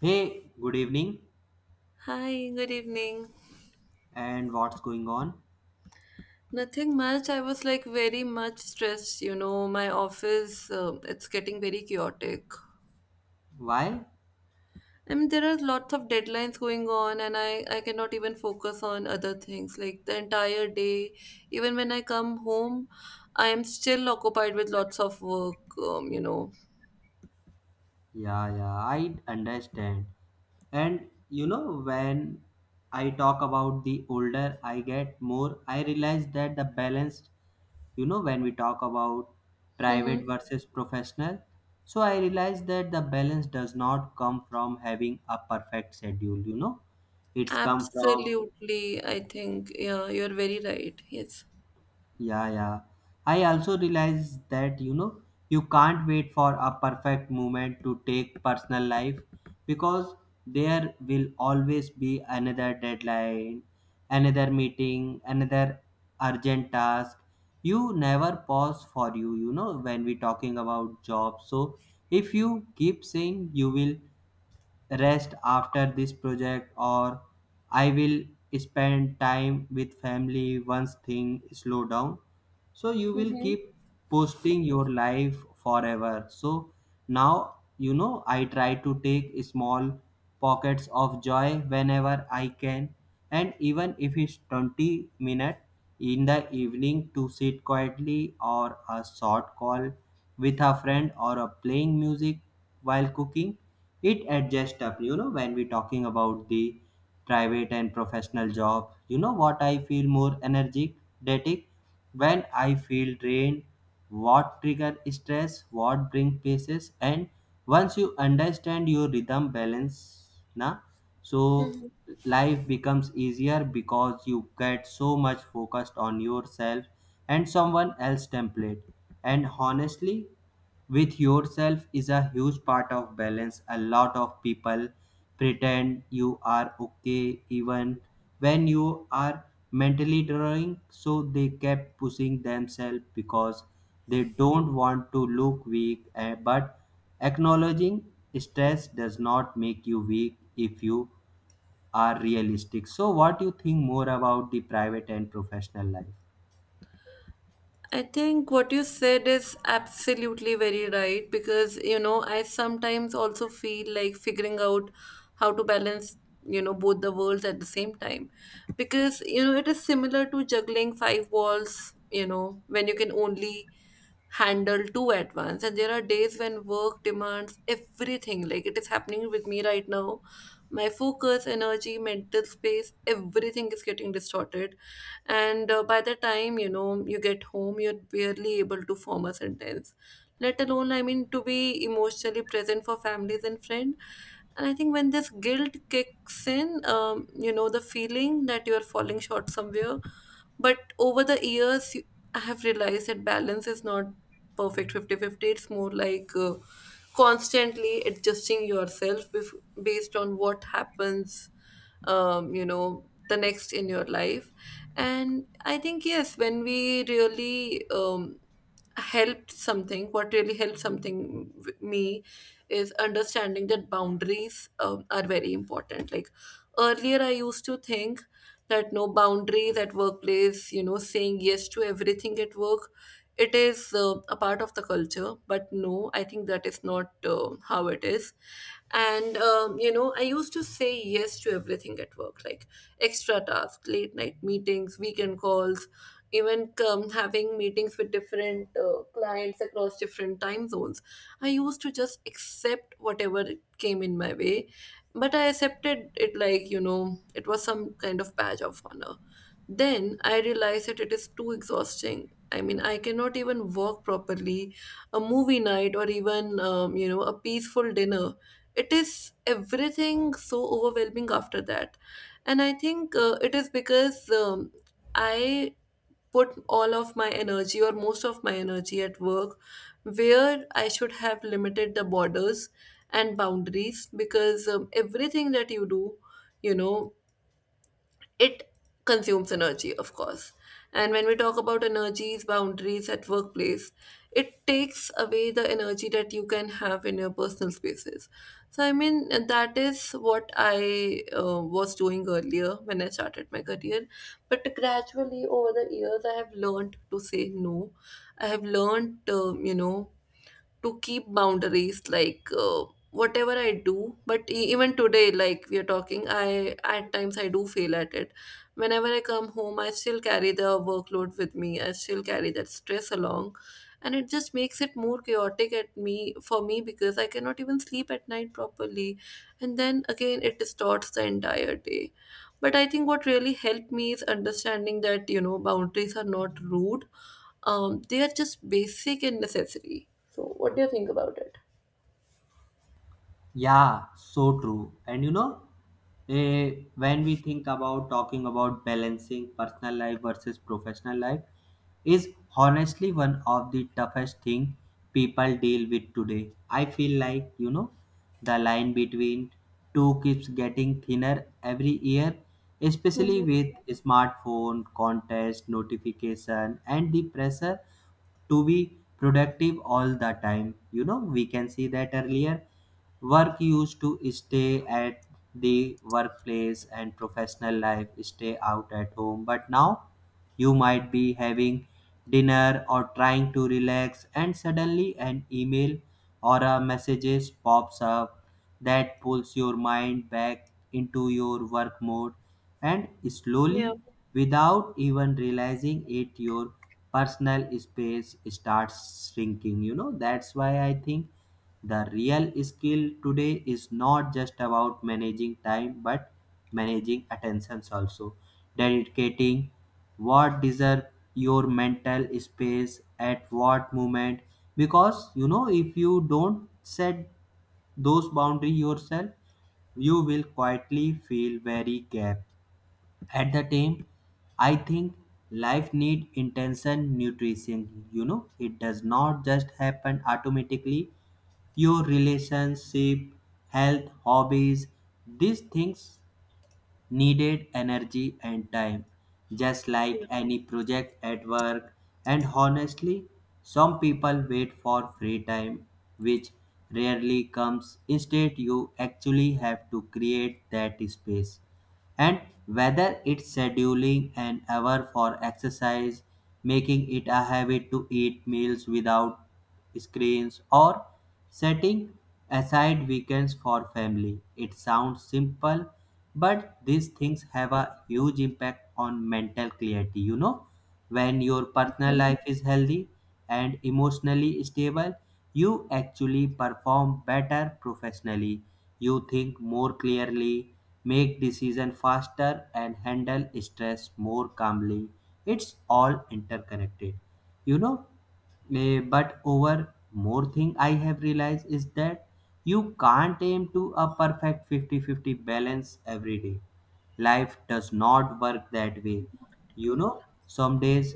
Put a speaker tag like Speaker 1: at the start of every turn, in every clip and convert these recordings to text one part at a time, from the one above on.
Speaker 1: Hey, good evening.
Speaker 2: Hi, good evening.
Speaker 1: And what's going on?
Speaker 2: Nothing much. I was like very much stressed. You know, my office, it's getting very chaotic.
Speaker 1: Why?
Speaker 2: I mean, there are lots of deadlines going on, and I cannot even focus on other things. Like the entire day, even when I come home, I am still occupied with lots of work.
Speaker 1: Yeah, yeah, I understand. And you know, when I talk about the older I get more, I realize that the balanced, you know, when we talk about private
Speaker 2: Mm-hmm.
Speaker 1: versus professional, so I realize that the balance does not come from having a perfect schedule, you know, it's come from.
Speaker 2: Absolutely, I think, yeah, you're very right. Yes.
Speaker 1: Yeah, yeah. I also realize that you know you can't wait for a perfect moment to take personal life because there will always be another deadline, another meeting, another urgent task. You never pause for you, you know, when we talking about job. So if you keep saying you will rest after this project, or I will spend time with family once things slow down. So you will keep posting your life forever. So now you know I try to take small pockets of joy whenever I can, and even if it's 20 minutes in the evening to sit quietly, or a short call with a friend, or a playing music while cooking, it adjusts up, you know, when we talking about the private and professional job. You know what, I feel more energetic, when I feel drained, what trigger stress, what bring pieces? And once you understand your rhythm balance na, so life becomes easier because you get so much focused on yourself and someone else template. And honestly, with yourself is a huge part of balance. A lot of people pretend you are okay even when you are mentally drawing, so they kept pushing themselves because they don't want to look weak, but acknowledging stress does not make you weak if you are realistic. So what do you think more about the private and professional life?
Speaker 2: I think what you said is absolutely very right because, you know, I sometimes also feel like figuring out how to balance, you know, both the worlds at the same time. Because, you know, it is similar to juggling five balls, you know, when you can only handle too at once. And there are days when work demands everything, like it is happening with me right now. My focus, energy, mental space, everything is getting distorted. And by the time, you know, you get home, you're barely able to form a sentence, let alone to be emotionally present for families and friends. And I think when this guilt kicks in, you know, the feeling that you are falling short somewhere. But over the years I have realized that balance is not perfect fifty-fifty. It's more like constantly adjusting yourself based on what happens, you know, the next in your life. And I think yes, when we really helped something what really helped me is understanding that boundaries are very important. Like earlier I used to think that no boundaries at workplace, you know, saying yes to everything at work, it is a part of the culture. But no, I think that is not how it is. And you know, I used to say yes to everything at work, like extra tasks, late night meetings, weekend calls, even having meetings with different clients across different time zones. I used to just accept whatever came in my way, but I accepted it like, you know, it was some kind of badge of honor. Then I realized that it is too exhausting. I mean, I cannot even work properly. A movie night or even, you know, a peaceful dinner, it is everything so overwhelming after that. And I think it is because I put all of my energy or most of my energy at work, where I should have limited the borders and boundaries. Because everything that you do, you know, it consumes energy, of course. And when we talk about energies, boundaries at workplace, it takes away the energy that you can have in your personal spaces. So I mean, that is what I was doing earlier when I started my career. But gradually over the years, I have learned to say no. I have learned, you know, to keep boundaries, like whatever I do. But even today, like we are talking, I at times I do fail at it. Whenever I come home, I still carry the workload with me, I still carry that stress along. And it just makes it more chaotic at me, because I cannot even sleep at night properly. And then again, it distorts the entire day. But I think what really helped me is understanding that, you know, boundaries are not rude, they are just basic and necessary. So what do you think about it?
Speaker 1: Yeah, so true. And you know, when we think about talking about balancing personal life versus professional life, is honestly one of the toughest thing people deal with today. I feel like, you know, the line between two keeps getting thinner every year, especially
Speaker 2: Hmm.
Speaker 1: with smartphone contest notification and the pressure to be productive all the time. You know, we can see that earlier work used to stay at the workplace and professional life stay out at home, but now you might be having dinner or trying to relax, and suddenly an email or a messages pops up that pulls your mind back into your work mode, and
Speaker 2: Yeah.
Speaker 1: slowly, without even realizing it, your personal space starts shrinking. You know, that's why I think the real skill today is not just about managing time but managing attentions also. Dedicating what deserve your mental space at what moment, because you know if you don't set those boundary yourself, you will quietly feel very gap at the time. I think life need intention nutrition, you know, it does not just happen automatically. Your relationship, health, hobbies, these things needed energy and time, just like any project at work. And honestly, some people wait for free time, which rarely comes. Instead, you actually have to create that space, and whether it's scheduling an hour for exercise, making it a habit to eat meals without screens, or setting aside weekends for family. It sounds simple, but these things have a huge impact on mental clarity. You know, when your personal life is healthy, and emotionally stable, you actually perform better professionally. You think more clearly, make decisions faster, and handle stress more calmly. It's all interconnected. You know, but over more thing I have realized is that you can't aim to a perfect 50-50 balance every day. Life does not work that way. You know, some days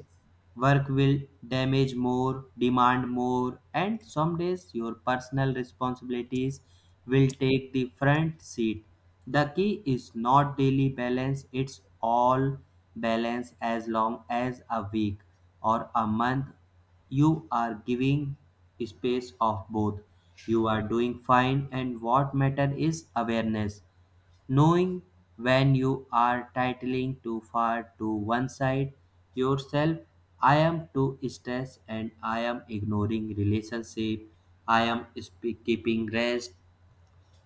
Speaker 1: work will damage more, demand more, and some days your personal responsibilities will take the front seat. The key is not daily balance, it's all balance. As long as a week or a month you are giving space of both, you are doing fine. And what matter is awareness. Knowing when you are titling too far to one side yourself, I am too stressed and I am ignoring relationship, keeping rest.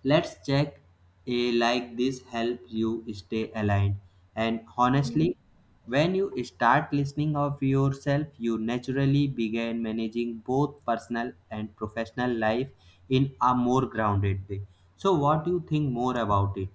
Speaker 1: Let's check a like this helps you stay aligned. And honestly, when you start listening of yourself, you naturally begin managing both personal and professional life in a more grounded way. So what do you think more about it?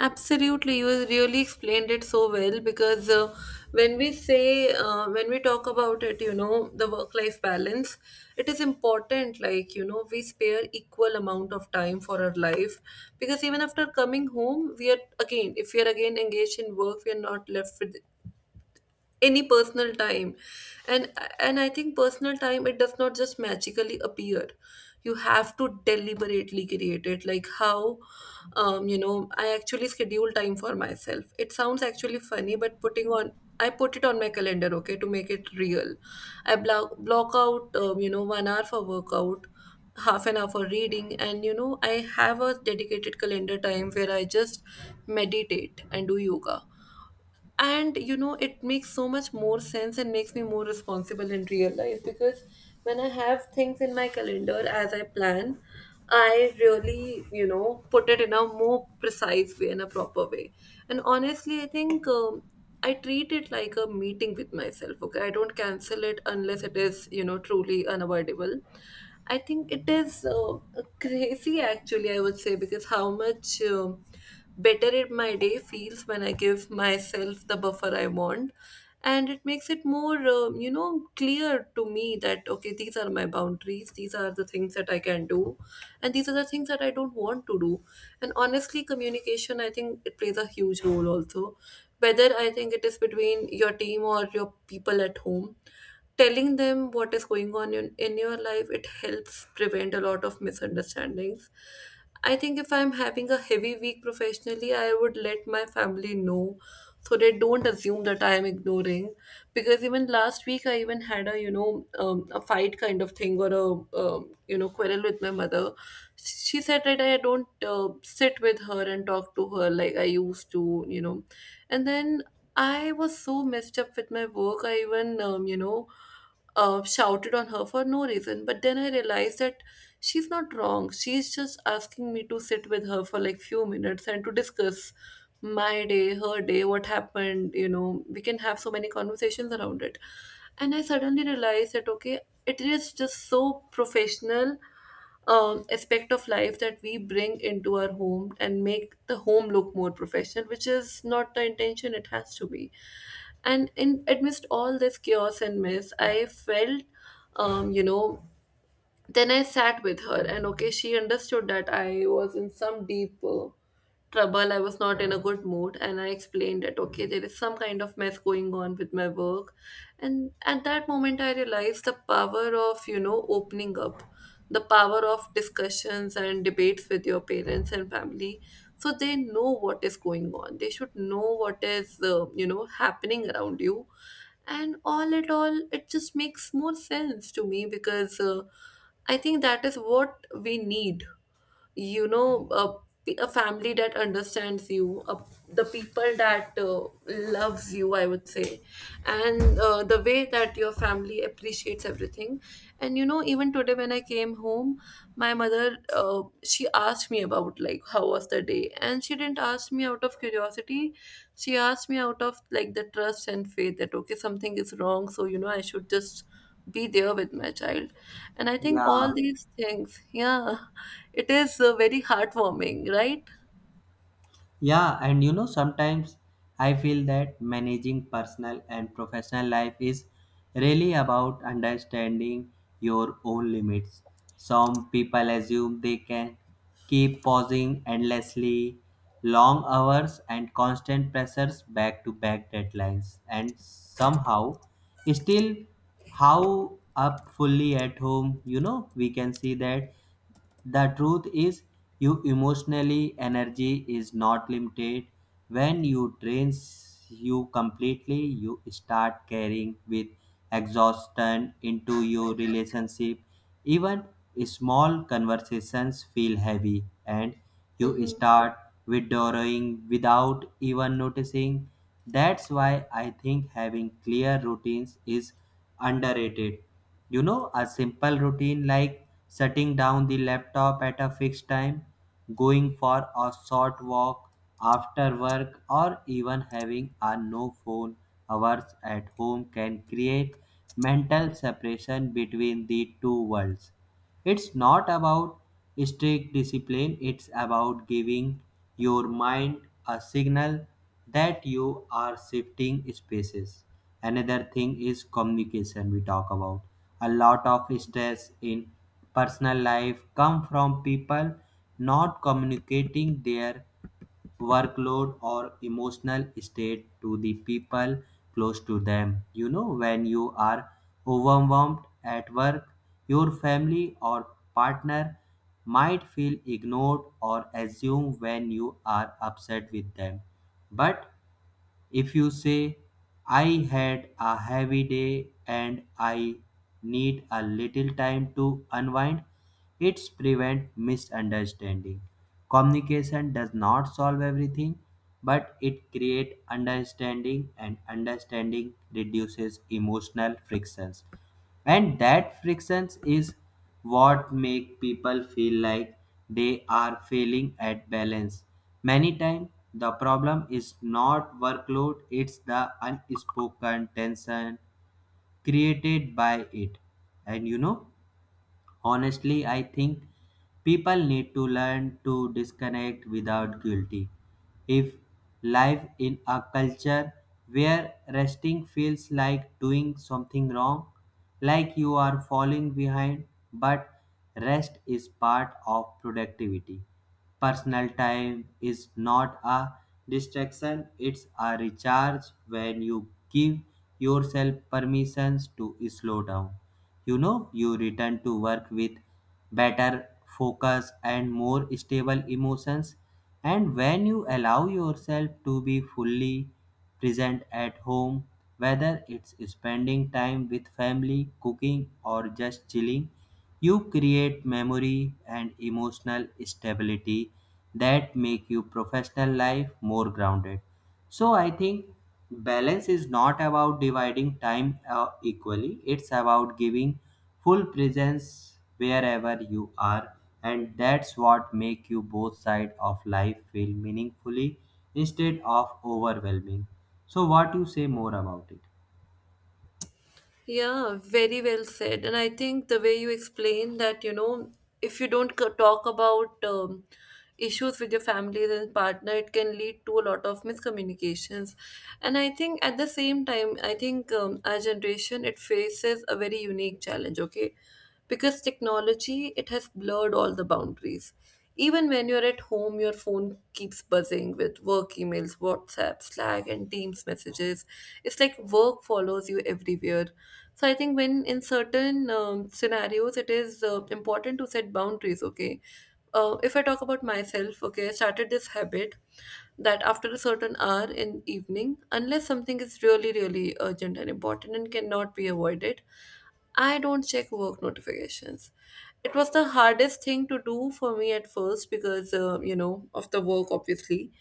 Speaker 2: Absolutely, you really explained it so well. Because when we talk about it, you know, the work life balance, it is important, like, you know, we spare equal amount of time for our life. Because even after coming home, we are again, if we are again engaged in work, we are not left with any personal time. And and I think personal time, it does not just magically appear. You have to deliberately create it. Like how, um, you know, I actually schedule time for myself. It sounds actually funny, but putting on I put it on my calendar, okay, to make it real. I block out, you know, one hour for workout, half an hour for reading. And you know, I have a dedicated calendar time where I just meditate and do yoga. And you know, it makes so much more sense and makes me more responsible in real life. Because when I have things in my calendar as I plan, I really, you know, put it in a more precise way, in a proper way. And honestly, I think, I treat it like a meeting with myself. Okay, I don't cancel it unless it is, you know, truly unavoidable. I think it is crazy, actually, I would say, because how much better it my day feels when I give myself the buffer I want. And it makes it more, you know, clear to me that, okay, these are my boundaries, these are the things that I can do and these are the things that I don't want to do. And honestly, communication, I think it plays a huge role also, whether I think it is between your team or your people at home. Telling them what is going on in your life, it helps prevent a lot of misunderstandings. I think if I'm having a heavy week professionally, I would let my family know, so they don't assume that I am ignoring. Because even last week I even had a, you know, a fight kind of thing, or a, you know, quarrel with my mother. She said that I don't sit with her and talk to her like I used to, you know. And then I was so messed up with my work, I even, shouted on her for no reason. But then I realized that she's not wrong. She's just asking me to sit with her for like few minutes and to discuss my day, her day, what happened. You know, we can have so many conversations around it. And I suddenly realized that okay, it is just so professional aspect of life that we bring into our home and make the home look more professional, which is not the intention, it has to be. And in amidst all this chaos and mess I felt, um, you know then I sat with her, and okay, she understood that I was in some deep trouble. I was not in a good mood, and I explained that okay, there is some kind of mess going on with my work. And at that moment, I realized the power of, you know, opening up, the power of discussions and debates with your parents and family, so they know what is going on. They should know what is, you know, happening around you. And all at all, it just makes more sense to me, because I think that is what we need, you know, a family that understands you, the people that loves you, I would say. And the way that your family appreciates everything. And you know, even today when I came home, my mother, she asked me about like how was the day, and she didn't ask me out of curiosity. She asked me out of like the trust and faith that okay, something is wrong, so you know, I should just be there with my child. And I think
Speaker 1: Yeah,
Speaker 2: all these things, yeah, it is very heartwarming, right?
Speaker 1: yeah, and you know, sometimes I feel that managing personal and professional life is really about understanding your own limits. Some people assume they can keep pausing endlessly, long hours, and constant pressures, back to back deadlines, and somehow still how up fully at home. You know, we can see that the truth is, you emotionally energy is not limited. When you drain you completely, you start carrying with exhaustion into your relationship. Even small conversations feel heavy, and you
Speaker 2: Mm-hmm.
Speaker 1: start withdrawing without even noticing. That's why I think having clear routines is underrated. You know, a simple routine like shutting down the laptop at a fixed time, going for a short walk after work, or even having a no phone hours at home can create mental separation between the two worlds. It's not about strict discipline, it's about giving your mind a signal that you are shifting spaces. Another thing is communication we talk about. A lot of stress in personal life come from people not communicating their workload or emotional state to the people close to them. You know, when you are overwhelmed at work, your family or partner might feel ignored or assume when you are upset with them. But if you say, I had a heavy day and I need a little time to unwind, it prevents misunderstanding. Communication does not solve everything, but it creates understanding, and understanding reduces emotional frictions. And that friction is what make people feel like they are failing at balance. Many times the problem is not workload, it's the unspoken tension created by it. And you know, honestly, I think people need to learn to disconnect without guilty. If life in a culture where resting feels like doing something wrong, like you are falling behind, but rest is part of productivity. Personal time is not a distraction, it's a recharge. When you give yourself permissions to slow down, you know, you return to work with better focus and more stable emotions. And when you allow yourself to be fully present at home, whether it's spending time with family, cooking, or just chilling, you create memory and emotional stability that make your professional life more grounded. So I think balance is not about dividing time equally. It's about giving full presence wherever you are, and that's what make you both sides of life feel meaningfully instead of overwhelming. So what you say more about it?
Speaker 2: Yeah, very well said. And I think the way you explain that, you know, if you don't talk about issues with your families and partner, it can lead to a lot of miscommunications. And I think at the same time, I think, our generation, it faces a very unique challenge, okay? Because technology, it has blurred all the boundaries. Even when you're at home, your phone keeps buzzing with work emails, WhatsApp, Slack and Teams messages. It's like work follows you everywhere. So I think when, in certain scenarios, it is important to set boundaries. Okay, if I talk about myself, okay, I started this habit that after a certain hour in evening, unless something is really really urgent and important and cannot be avoided, I don't check work notifications. It was the hardest thing to do for me at first because, you know, of the work, obviously.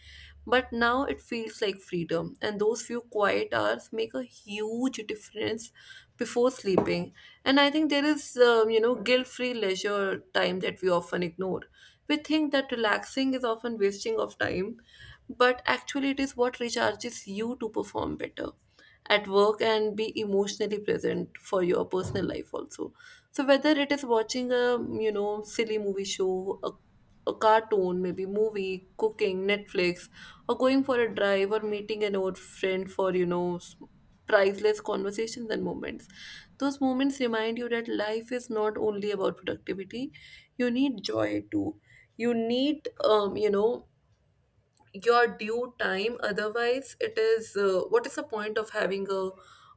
Speaker 2: But now it feels like freedom, and those few quiet hours make a huge difference before sleeping. And I think there is, you know, guilt free leisure time that we often ignore. We think that relaxing is often wasting of time, but actually, it is what recharges you to perform better at work and be emotionally present for your personal life also. So whether it is watching a silly movie show, a cartoon maybe, movie, cooking, Netflix, or going for a drive or meeting an old friend for priceless conversations and moments. Those moments remind you that life is not only about productivity, you need joy too. You need your due time, otherwise it is, what is the point of having a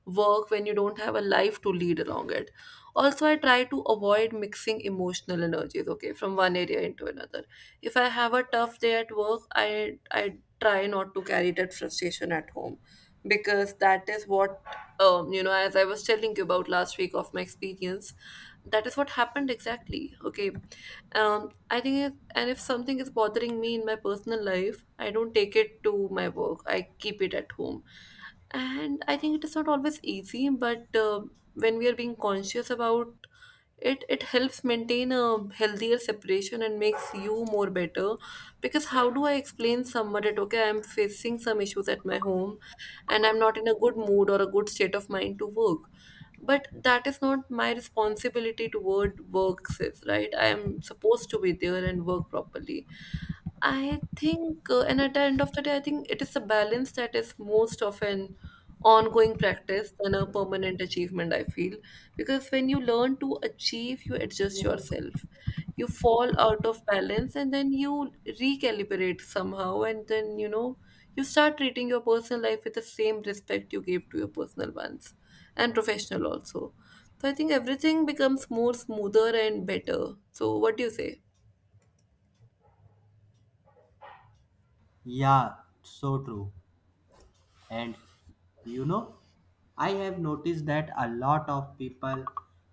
Speaker 2: work when you don't have a life to lead along it? Also, I try to avoid mixing emotional energies, okay, from one area into another. If I have a tough day at work, I try not to carry that frustration at home, because that is what, as I was telling you about last week of my experience, that is what happened exactly, okay. I think, and if something is bothering me in my personal life, I don't take it to my work. I keep it at home. And I think it is not always easy, but when we are being conscious about it, it helps maintain a healthier separation and makes you more better. Because how do I explain someone that, okay, I'm facing some issues at my home and I'm not in a good mood or a good state of mind to work? But that is not my responsibility toward work sis, right? I am supposed to be there and work properly. I think, and at the end of the day, I think it is a balance that is most often ongoing practice than a permanent achievement, I feel. Because when you learn to achieve, you adjust yourself. You fall out of balance and then you recalibrate somehow, and then, you know, you start treating your personal life with the same respect you gave to your personal ones and professional also. So I think everything becomes more smoother and better. So, what do you say?
Speaker 1: Yeah, so true. And you know, I have noticed that a lot of people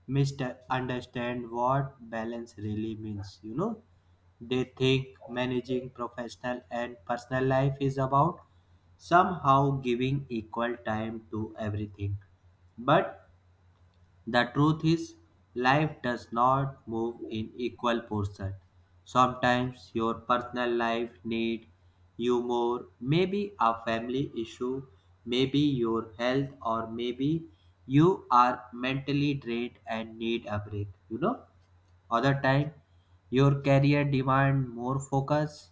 Speaker 1: misunderstand what balance really means. You know, they think managing professional and personal life is about somehow giving equal time to everything. But the truth is, life does not move in equal portion. Sometimes your personal life need you more, maybe a family issue, maybe your health, or maybe you are mentally drained and need a break. You know, other time your career demand more focus,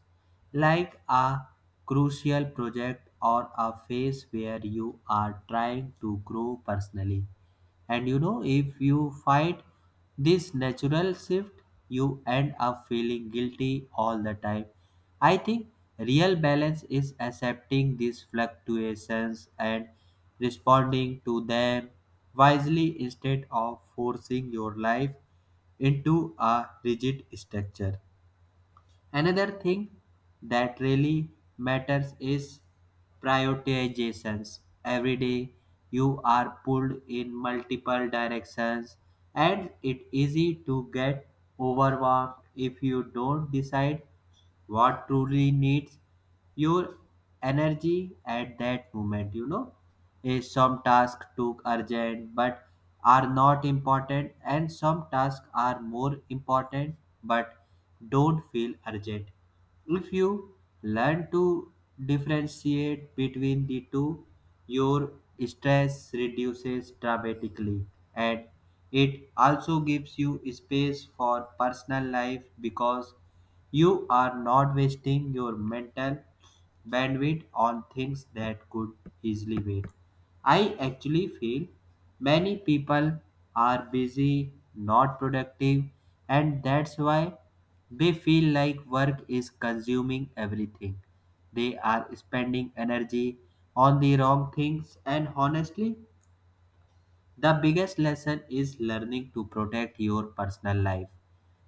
Speaker 1: like a crucial project or a phase where you are trying to grow personally. And you know, if you fight this natural shift, you end up feeling guilty all the time. I think real balance is accepting these fluctuations and responding to them wisely instead of forcing your life into a rigid structure. Another thing that really matters is prioritizations. Every day you are pulled in multiple directions, and it's easy to get overwhelmed if you don't decide what truly needs your energy at that moment. You know, some tasks took urgent but are not important, and some tasks are more important but don't feel urgent. If you learn to differentiate between the two, your stress reduces dramatically, and it also gives you space for personal life because you are not wasting your mental bandwidth on things that could easily wait. I actually feel many people are busy, not productive, and that's why they feel like work is consuming everything. They are spending energy on the wrong things, and honestly, the biggest lesson is learning to protect your personal life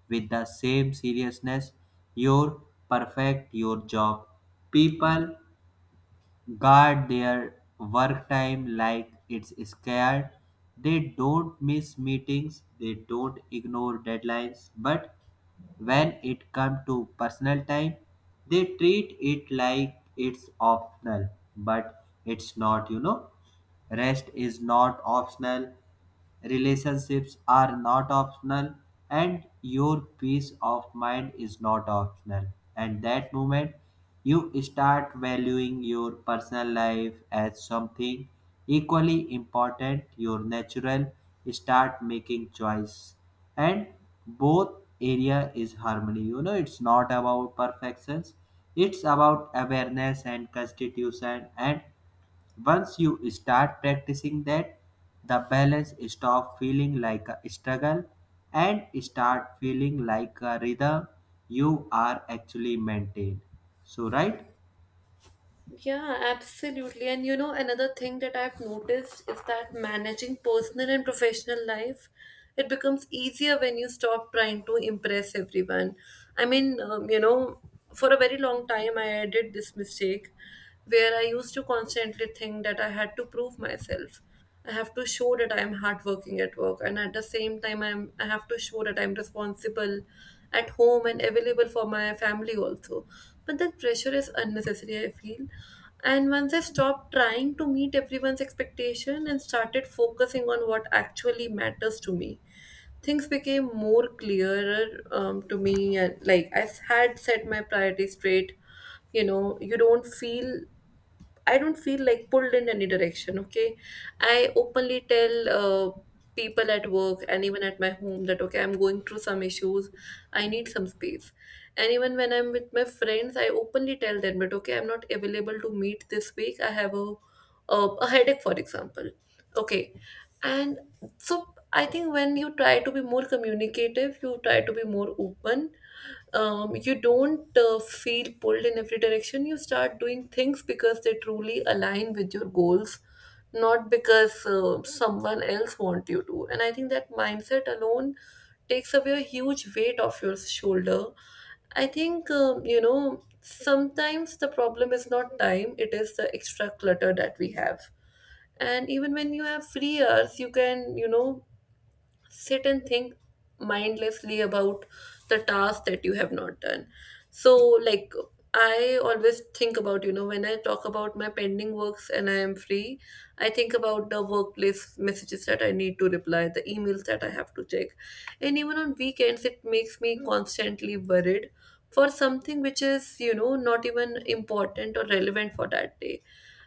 Speaker 1: with the same seriousness you perfect your job. People guard their work time like it's scared. They don't miss meetings, they don't ignore deadlines, but when it comes to personal time, they treat it like it's optional, but it's not, you know. Rest is not optional, relationships are not optional, and your peace of mind is not optional. And that moment, you start valuing your personal life as something equally important. Your natural start making choice, and both area is harmony. You know, it's not about perfections, it's about awareness and constitution, and once you start practicing that, the balance stop feeling like a struggle and start feeling like a rhythm you are actually maintained. So right.
Speaker 2: Yeah, absolutely. And you know, another thing that I've noticed is that managing personal and professional life, it becomes easier when you stop trying to impress everyone. I mean, for a very long time, I did this mistake where I used to constantly think that I had to prove myself. I have to show that I am hardworking at work, and at the same time, I have to show that I'm responsible at home and available for my family also. But that pressure is unnecessary, I feel. And once I stopped trying to meet everyone's expectation and started focusing on what actually matters to me, things became more clearer to me. And like I had set my priorities straight, you know, you don't feel I don't feel like pulled in any direction, okay? I openly tell people at work and even at my home that, okay, I'm going through some issues, I need some space. And even when I'm with my friends, I openly tell them that, okay, I'm not available to meet this week, I have a headache, for example, okay? And so I think when you try to be more communicative, you try to be more open, you don't feel pulled in every direction. You start doing things because they truly align with your goals, not because someone else want you to. And I think that mindset alone takes away a huge weight off your shoulder. I think, you know, sometimes the problem is not time, it is the extra clutter that we have. And even when you have free hours, you can, you know, sit and think mindlessly about the task that you have not done. So like, I always think about, you know, when I talk about my pending works and I am free, I think about the workplace messages that I need to reply, the emails that I have to check. And even on weekends it makes me constantly worried for something which is, you know, not even important or relevant for that day.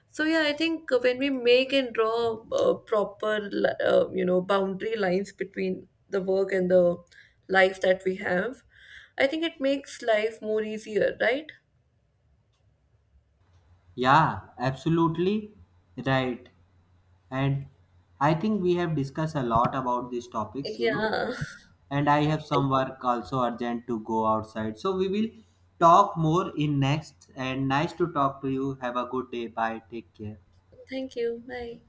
Speaker 2: So yeah, I think when we make and draw proper, boundary lines between the work and the life that we have, I think it makes life more easier, right?
Speaker 1: Yeah, absolutely right. And I think we have discussed a lot about these topics, you know,
Speaker 2: Yeah.
Speaker 1: and I have some work also urgent to go outside. So we will talk more in next, and nice to talk to you. Have a good day. Bye. Take care.
Speaker 2: Thank you. Bye.